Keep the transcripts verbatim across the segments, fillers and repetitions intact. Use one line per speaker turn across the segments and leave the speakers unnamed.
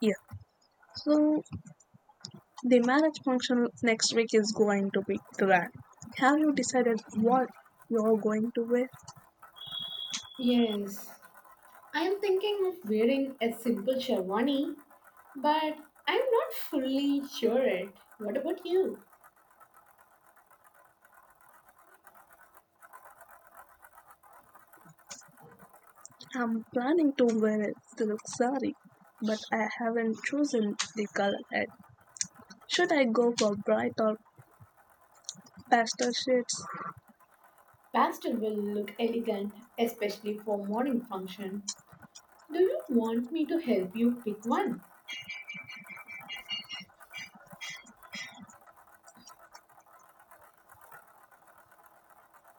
Yeah, so the marriage function next week is going to be grand. Have you decided what you're going to wear?
Yes, I am thinking of wearing a simple sherwani, but I'm not fully sure it. What about you?
I'm planning to wear a silk saree, but I haven't chosen the color yet. Should I go for bright or pastel shades?
Pastel will look elegant, especially for morning function. Do you want me to help you pick one?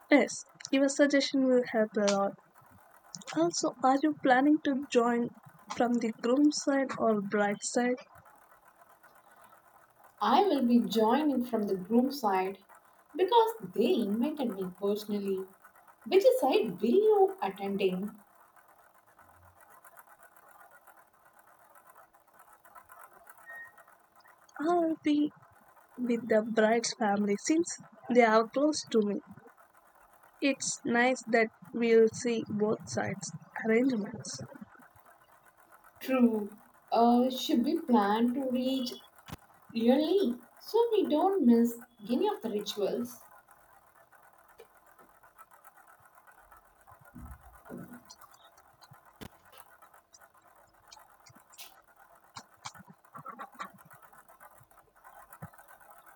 Yes, your suggestion will help a lot. Also, are you planning to join from the groom's side or bride's side?
I will be joining from the groom side because they invited me personally. Which side will you attending?
I'll be with the bride's family since they are close to me. It's nice that we'll see both sides' arrangements.
True. Uh, should we plan to reach early so we don't miss any of the rituals?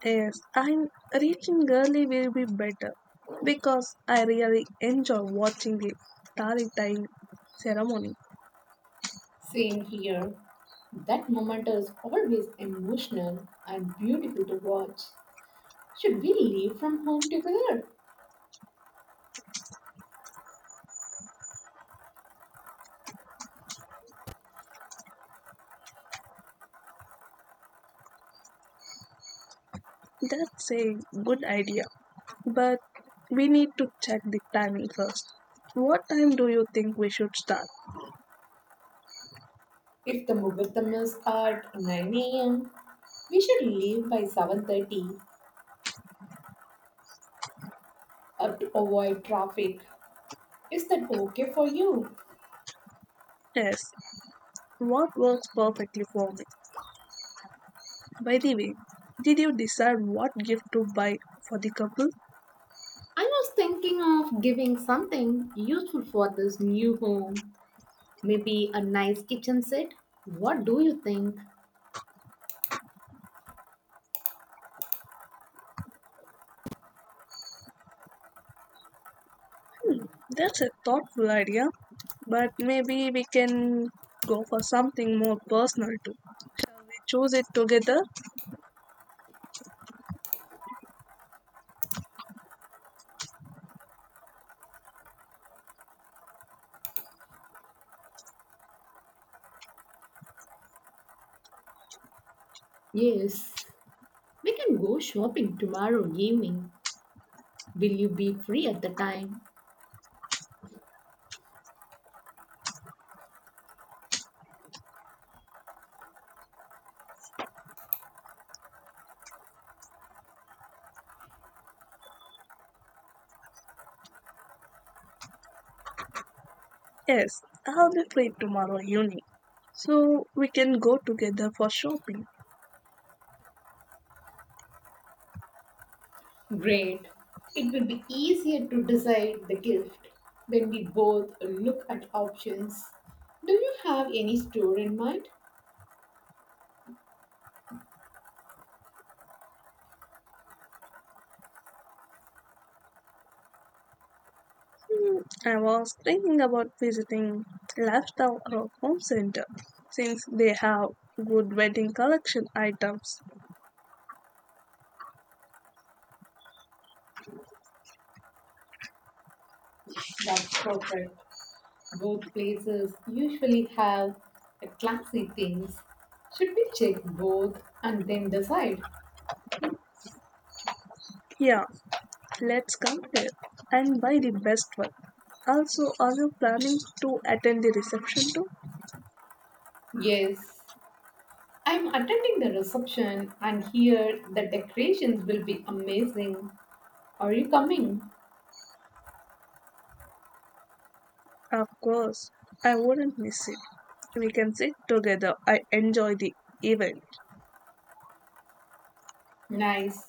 Yes, I'm reaching early will be better because I really enjoy watching the starry time ceremony.
Same here. That moment is always emotional and beautiful to watch. Should we leave from home together?
That's a good idea, but we need to check the timing first. What time do you think we should start?
If the Mughurtam is at nine a m, we should leave by seven thirty up to avoid traffic. Is that okay for you?
Yes, what works perfectly for me. By the way, did you decide what gift to buy for the couple?
I was thinking of giving something useful for this new home. Maybe a nice kitchen set. What do you think?
That's a thoughtful idea, but maybe we can go for something more personal too. Shall we choose it together?
Yes, we can go shopping tomorrow evening. Will you be free at the time?
Yes, I'll be free tomorrow evening, so we can go together for shopping.
Great. It will be easier to decide the gift when we both look at options. Do you have any store in mind?
Hmm, I was thinking about visiting Lifestyle or Home Center since they have good wedding collection items.
That's perfect. Both places usually have a classy things. Should we check both and then decide?
Yeah, let's compare and buy the best one. Also, are you planning to attend the reception too?
Yes. I'm attending the reception and here the decorations will be amazing. Are you coming?
Of course, I wouldn't miss it. We can sit together. I enjoy the event.
Nice.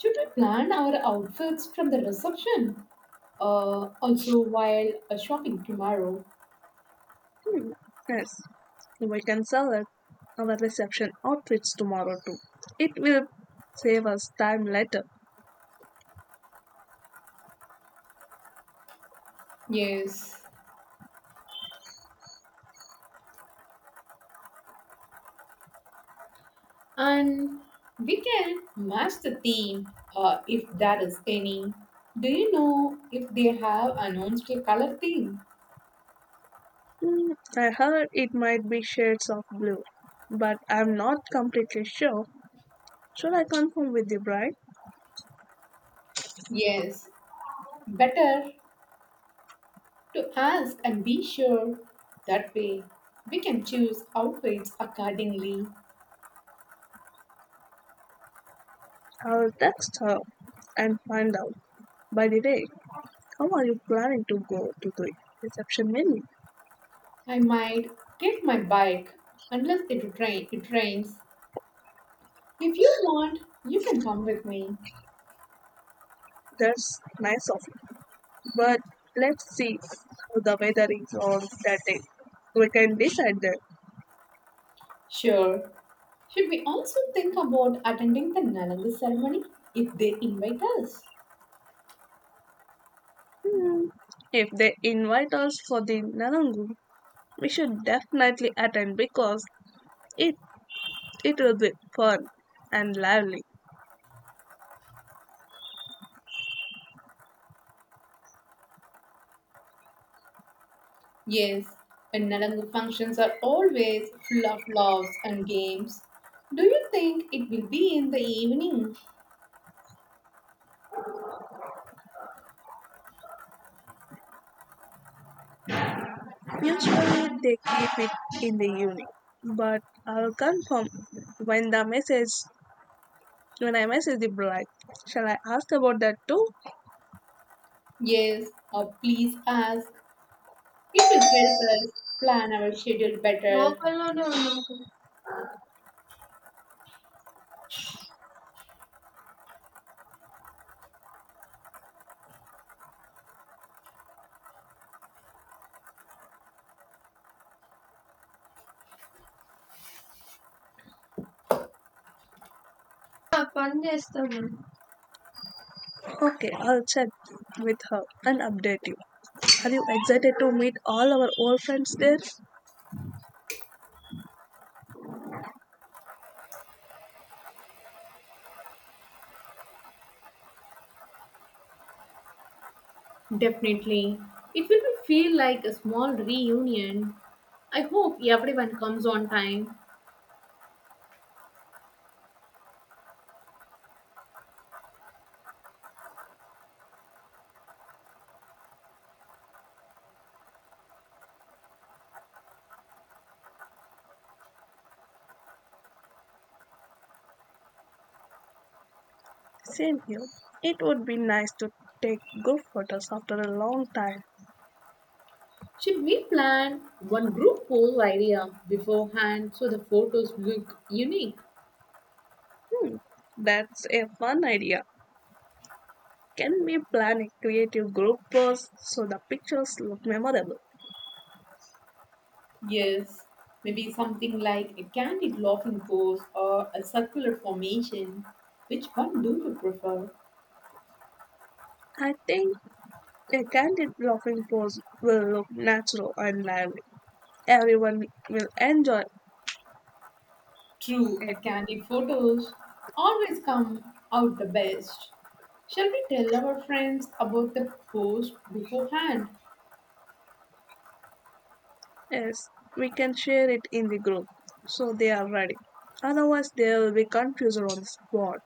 Should we plan our outfits from the reception? Uh, also, while uh, shopping tomorrow.
Hmm, yes, we can celebrate our reception outfits tomorrow too. It will save us time later.
Yes. And we can match the theme uh, if that is any. Do you know if they have announced a color theme?
Hmm, I heard it might be shades of blue, but I'm not completely sure. Should I confirm with the bride?
Yes. Better to ask and be sure. That way, we can choose outfits accordingly.
I'll text her and find out. By the way, how are you planning to go to the reception menu?
I might take my bike unless it, rain, it rains. If you want, you can come with me.
That's nice of. But let's see how the weather is on that day. We can decide that.
Sure. Should we also think about attending the Nalangu ceremony if they invite us?
Hmm. If they invite us for the Narangu, we should definitely attend because it it will be fun and lively.
Yes, and Nalangu functions are always full of laughs and games. Do you think it will be in the evening?
Usually they keep it in the evening, but I'll confirm when the message when I message the bride. Shall I ask about that too?
Yes, or please ask. It will help us plan our schedule better.
గోపాల్లోనే ఉన్నాం కదా. ఆ, పని చేస్తాను. Okay, I'll check with her and update you. Are you excited to meet all our old friends there?
Definitely. It will be feel like a small reunion. I hope everyone comes on time.
Same here. It would be nice to take group photos after a long time.
Should we plan one group pose idea beforehand so the photos look unique?
Hmm, that's a fun idea. Can we plan a creative group pose so the pictures look memorable?
Yes, maybe something like a candid laughing pose or a circular formation. Which one do you prefer?
I think a candid laughing pose will look natural and lively. Everyone will enjoy
True,
it.
the candid photos always come out the best. Shall we tell our friends about the pose beforehand?
Yes, we can share it in the group so they are ready. Otherwise, they will be confused on the spot.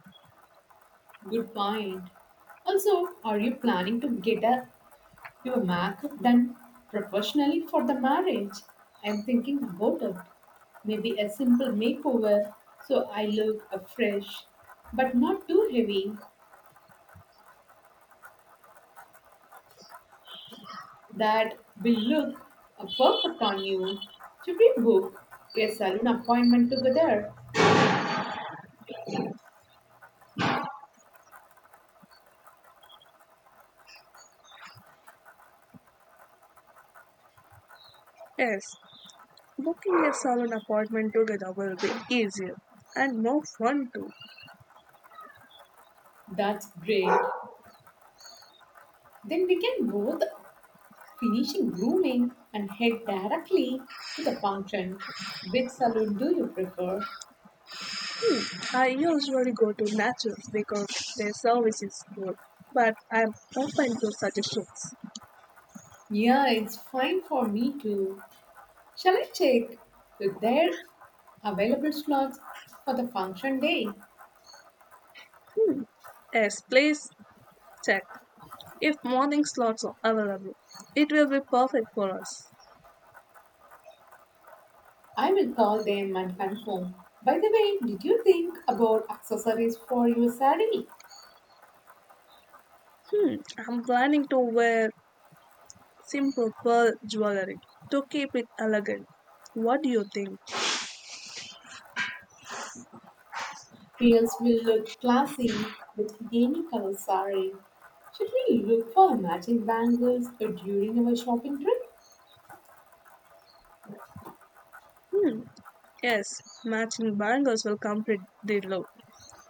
Good point. Also, are you planning to get a Your makeup done professionally for the marriage. I'm thinking about it. Maybe a simple makeover so I look uh, fresh, but not too heavy that will look uh, perfect on you. Should we book a salon appointment together?
Yes, booking a salon appointment together will be easier and more fun too.
That's great. Then we can both finishing grooming and head directly to the function. Which salon do you prefer?
I usually go to Naturals because their service is good, but I'm open to suggestions.
Yeah, it's fine for me too. Shall I check if they're available slots for the function day?
Yes, please check if morning slots are available. It will be perfect for us.
I will call them and confirm. By the way, did you think about accessories for your saree?
Hmm, I'm planning to wear simple pearl jewelry to keep it elegant. What do you think?
Pearls will look classy with any color saree. Should we look for matching bangles during our shopping trip?
Hmm. Yes, matching bangles will complete the look.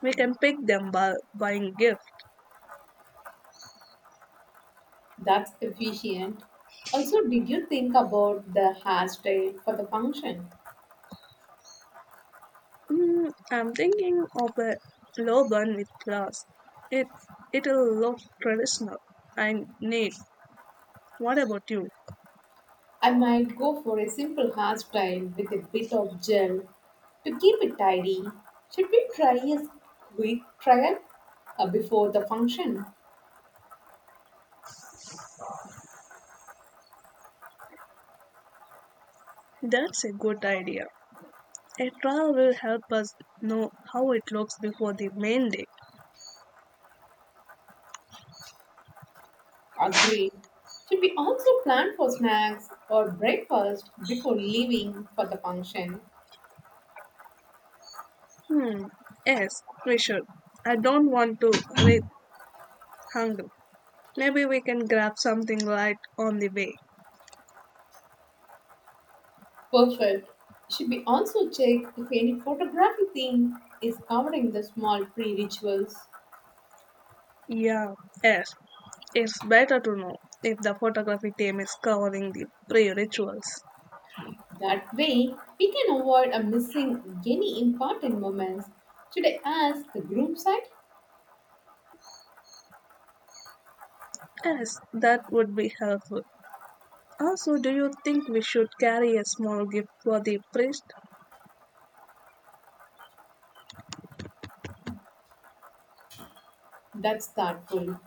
We can pick them by buying gift.
That's efficient. Also, did you think about the hairstyle for the function?
Hmm. I'm thinking of a turban with glass. It it'll look traditional and neat. What about you?
I might go for a simple hairstyle with a bit of gel to keep it tidy. Should we try a quick trial uh, before the function?
That's a good idea. A trial will help us know how it looks before the main day.
Agreed. Should we also plan for snacks or breakfast before leaving for the function?
Hmm. Yes, we should. I don't want to read hungry. Maybe we can grab something light on the way.
Perfect. Should we also check if any photography theme is covering the small pre rituals?
Yeah, yes, it's better to know if the photography team is covering the pre rituals.
That way, we can avoid a missing any important moments. Should I ask the groom side.
Yes, that would be helpful. Also, do you think we should carry a small gift for the priest?
That's thoughtful.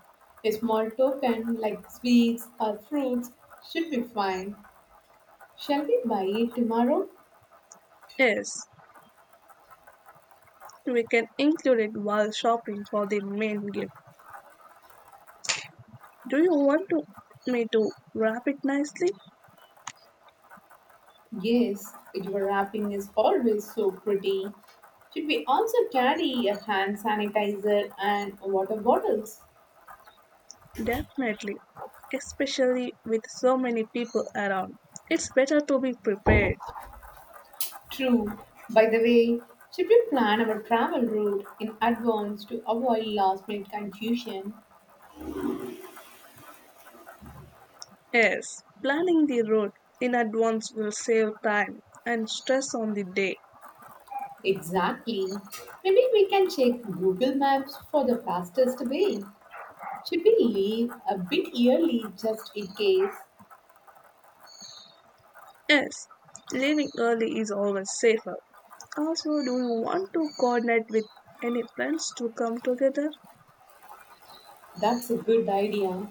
A small token like sweets or fruits should be fine. Shall we buy it tomorrow?
Yes, we can include it while shopping for the main gift. Do you want to, me to wrap it nicely?
Yes, your wrapping is always so pretty. Should we also carry a hand sanitizer and water bottles?
Definitely, especially with so many people around. It's better to be prepared.
True. By the way, should we plan our travel route in advance to avoid last minute confusion?
Yes, planning the route in advance will save time and stress on the day.
Exactly. Maybe we can check Google Maps for the fastest way. Should we leave a bit early just in case?
Yes, leaving early is always safer. Also, do you want to coordinate with any friends to come together?
That's a good idea.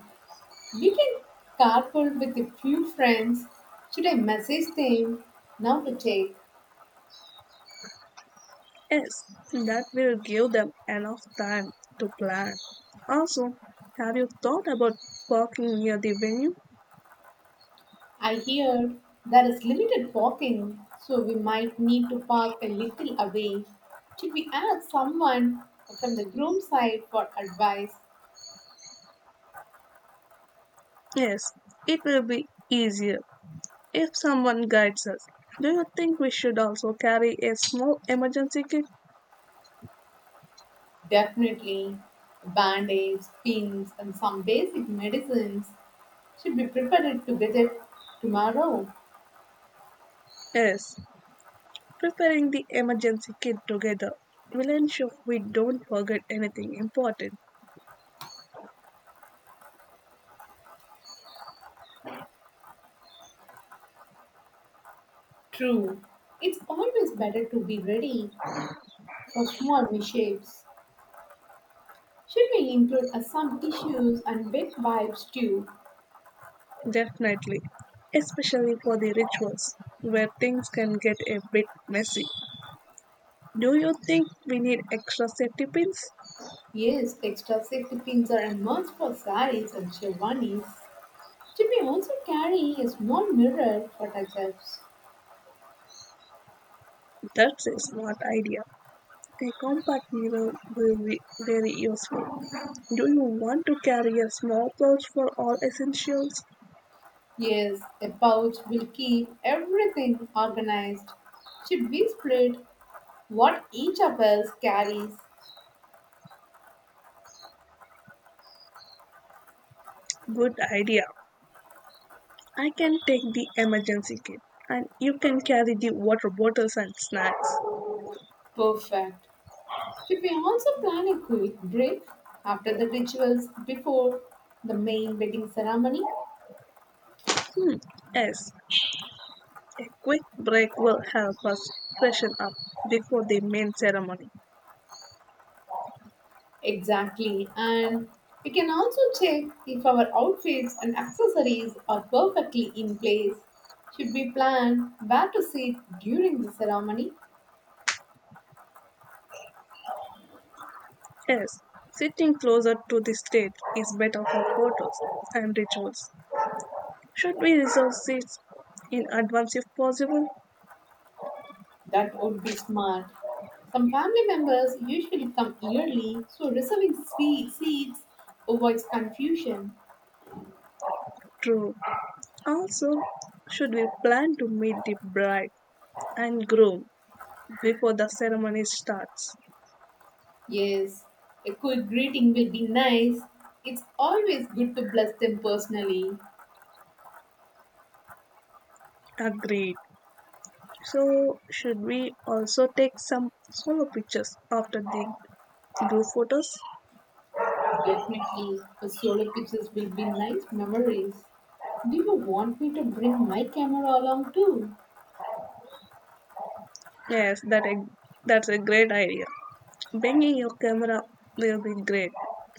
We can carpool with a few friends. Should I message them? Now to check.
Yes, that will give them enough time to plan. Also, have you thought about parking near the venue?
I heard there is limited parking, so we might need to park a little away. Should we ask someone from the groom side for advice?
Yes, it will be easier if someone guides us. Do you think we should also carry a small emergency kit?
Definitely. Band aids, pins, and some basic medicines should be prepared to visit tomorrow.
Yes, preparing the emergency kit together will ensure we don't forget anything important.
True. It's always better to be ready for small mishaps. Should we include uh, some tissues and big wipes too?
Definitely, especially for the rituals where things can get a bit messy. Do you think we need extra safety pins?
Yes, extra safety pins are a must for saris and sherwanis. Should we also carry a small mirror for touch-ups?
That's a smart idea. A compact mirror will be very useful. Do you want to carry a small pouch for all essentials?
Yes, a pouch will keep everything organized. Should we split what each of us carries?
Good idea. I can take the emergency kit and you can carry the water bottles and snacks.
Perfect. She may also plan a quick break after the rituals before the main wedding ceremony.
Hmm, yes, a quick break will help us freshen up before the main ceremony.
Exactly. And we can also check if our outfits and accessories are perfectly in place. Should we plan where to sit during the ceremony?
Yes, sitting closer to the stage is better for photos and rituals. Should we reserve seats in advance if possible?
That would be smart. Some family members usually come yearly, so reserving spe- seats avoids confusion.
True. Also, should we plan to meet the bride and groom before the ceremony starts?
Yes, a quick greeting will be nice. It's always good to bless them personally.
Agreed. So, should we also take some solo pictures after the group photos?
Definitely, the solo pictures will be nice memories. Do you want me to bring my camera along too?
Yes, that a, that's a great idea. Bringing your camera will be great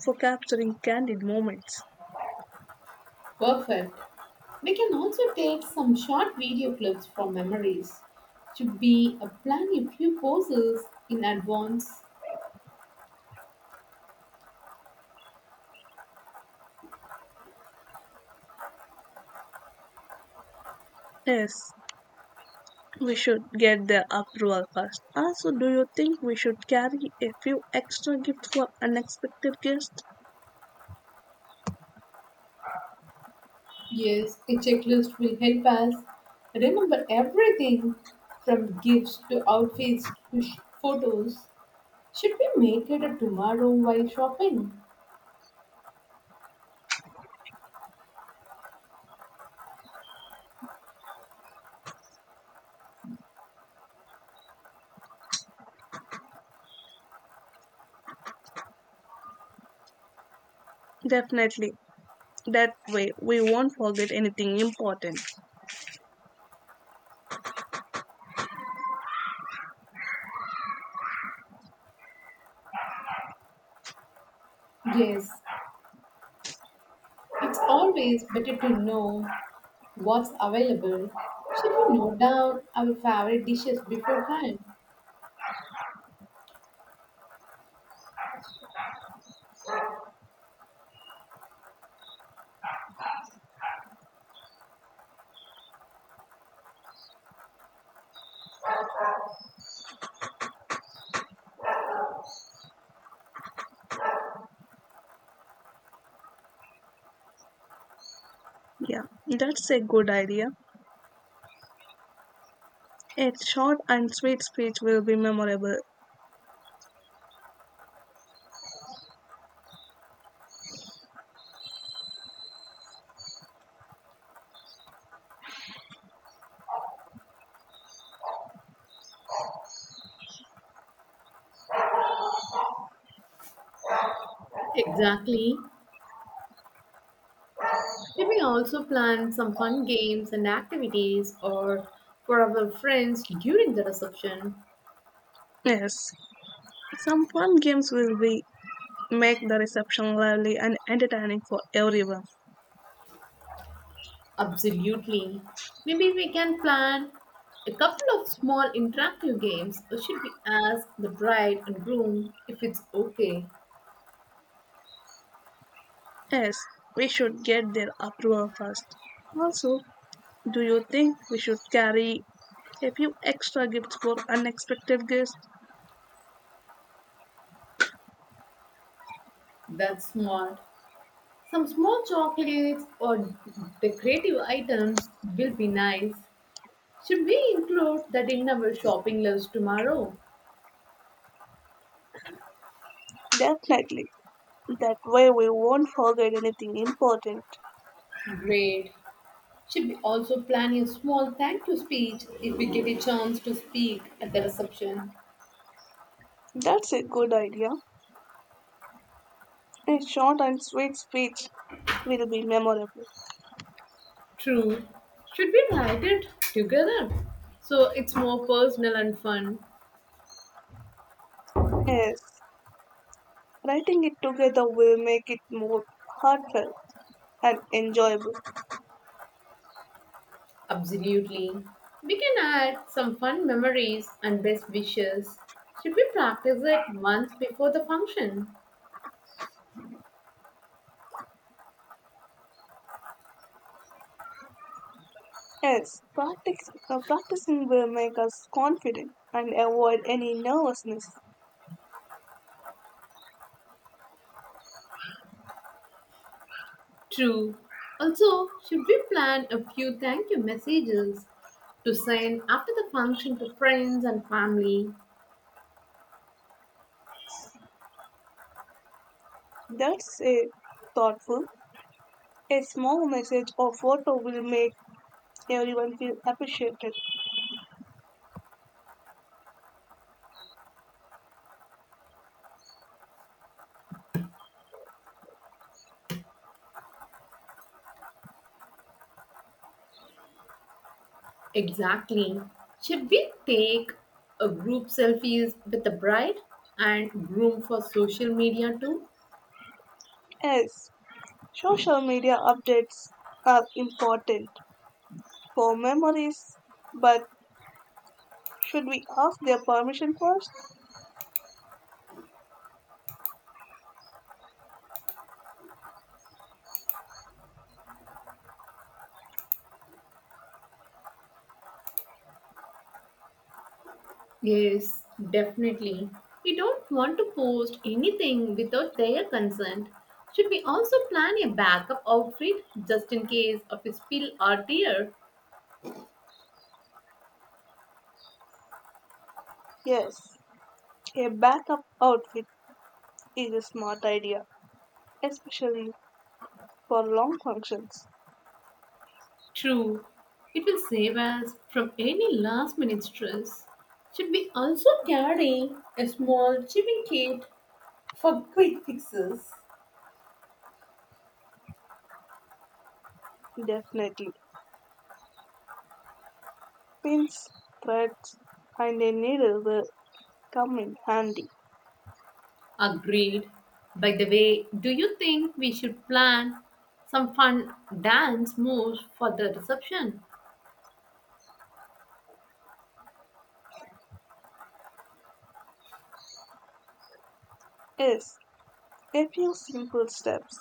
for capturing candid moments.
Perfect. We can also take some short video clips from memories. Should be a plan a few poses in advance.
Yes, we should get the approval first. Also, do you think we should carry a few extra gifts for unexpected guests?
Yes, a checklist will help us remember everything from gifts to outfits to sh- photos. Should we make it a tomorrow while shopping?
Definitely. That way, we won't forget anything important.
Yes, it's always better to know what's available. Should we note down our favorite dishes beforehand?
Yeah, that's a good idea. A short and sweet speech will be memorable.
Exactly. Should we also plan some fun games and activities or for our friends during the reception?
Yes, some fun games will be make the reception lively and entertaining for everyone.
Absolutely. Maybe we can plan a couple of small interactive games. Or should we ask the bride and groom if it's okay?
Yes, we should get their approval first. Also, do you think we should carry a few extra gifts for unexpected guests?
That's smart. Some small chocolates or decorative items will be nice. Should we include that in our shopping list tomorrow?
Definitely. That way we won't forget anything important.
Great. Should we also plan a small thank you speech if we get a chance to speak at the reception?
That's a good idea. A short and sweet speech will be memorable.
True. Should we write it together? So it's more personal and fun.
Yes, writing it together will make it more heartfelt and enjoyable.
Absolutely. We can add some fun memories and best wishes. Should we practice it once before the function?
Yes, practice, uh, practicing will make us confident and avoid any nervousness.
True. Also, should we plan a few thank you messages to send after the function to friends and family?
That's a thoughtful, a small message or photo will make everyone feel appreciated.
Exactly. Should we take a group selfies with the bride and groom for social media too?
Yes, social media updates are important for memories, but should we ask their permission first?
Yes, definitely. We don't want to post anything without their consent. Should we also plan a backup outfit just in case of a spill or tear?
Yes, a backup outfit is a smart idea, especially for long functions.
True. It will save us from any last minute stress. Should we also carry a small shipping kit for quick fixes?
Definitely. Pins, threads, and a needle will come in handy.
Agreed. By the way, do you think we should plan some fun dance moves for the reception?
Yes, a few simple steps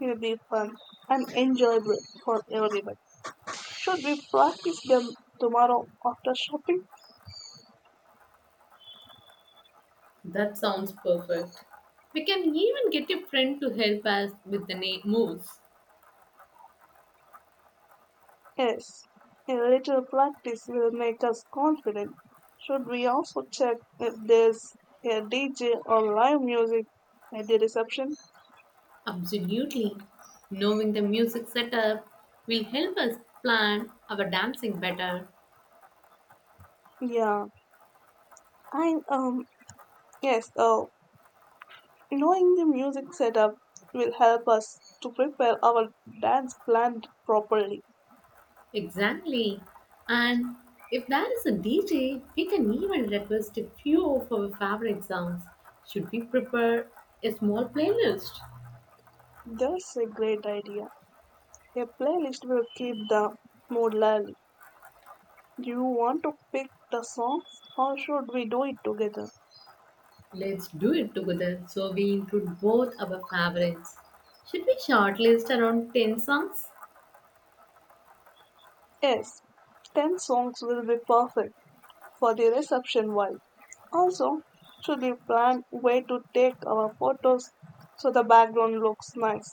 will be fun and enjoyable for everyone. Should we practice them tomorrow after shopping?
That sounds perfect. We can even get a friend to help us with the na- moves.
Yes, a little practice will make us confident. Should we also check if there's a D J or live music at the reception?
Absolutely. Knowing the music setup will help us plan our dancing better.
Yeah, I um yes. Uh, Knowing the music setup will help us to prepare our dance plan properly.
Exactly. And if there is a D J, we can even request a few of our favorite songs. Should we prepare a small playlist?
That's a great idea. A playlist will keep the mood lively. Do you want to pick the songs or should we do it together?
Let's do it together so we include both our favorites. Should we shortlist around ten songs?
Yes, ten songs will be perfect for the reception vibe. Also, should we plan where to take our photos so the background looks nice?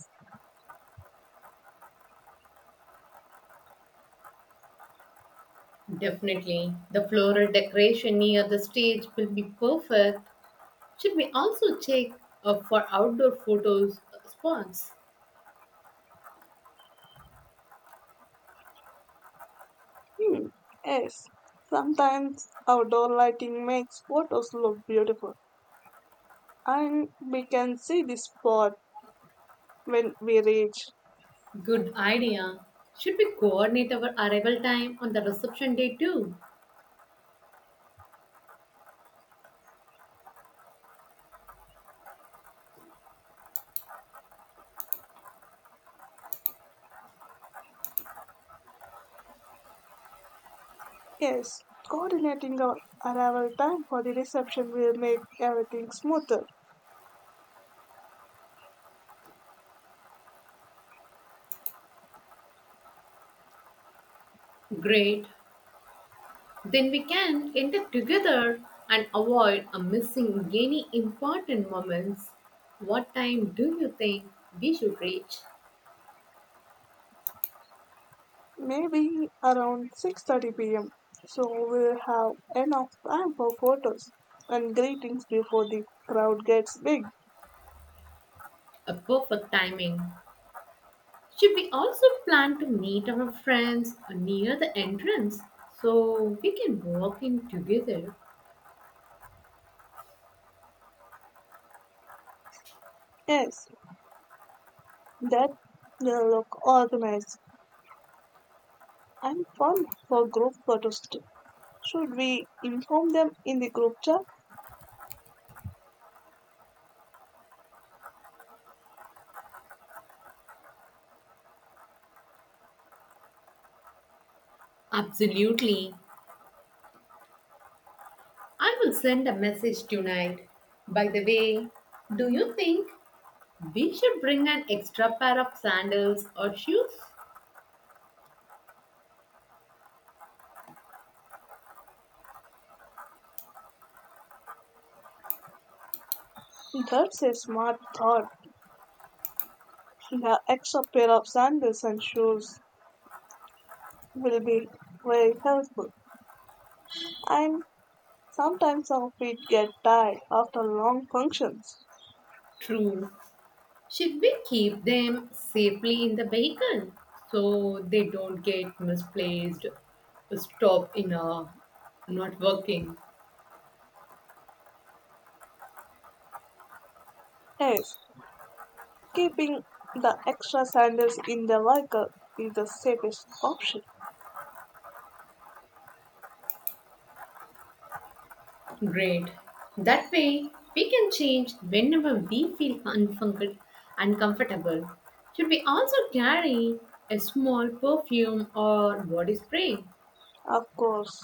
Definitely. The floral decoration near the stage will be perfect. Should we also check uh, for outdoor photos uh, spots?
Hmm, yes, sometimes outdoor lighting makes photos look beautiful, and we can see the spot when we reach.
Good idea. Should we coordinate our arrival time on the reception day too?
Yes, coordinating our arrival time for the reception will make everything smoother.
Great. Then we can end up together and avoid uh, missing any important moments. What time do you think we should reach?
Maybe around six thirty p m. So we'll have enough time for photos and greetings before the crowd gets big.
A perfect timing. Should we also plan to meet our friends near the entrance so we can walk in together?
Yes, that will look organized and fun for group photos too. Should we inform them in the group chat?
Absolutely. I will send a message tonight. By the way, do you think we should bring an extra pair of sandals or shoes?
That's a smart thought. The extra pair of sandals and shoes will be very helpful. And sometimes our feet get tired after long functions.
True. Should we keep them safely in the vehicle so they don't get misplaced, stop in a not working?
Yes, keeping the extra sandals in the vehicle is the safest option.
Great. That way, we can change whenever we feel unfunc- uncomfortable. Should we also carry a small perfume or body spray?
Of course,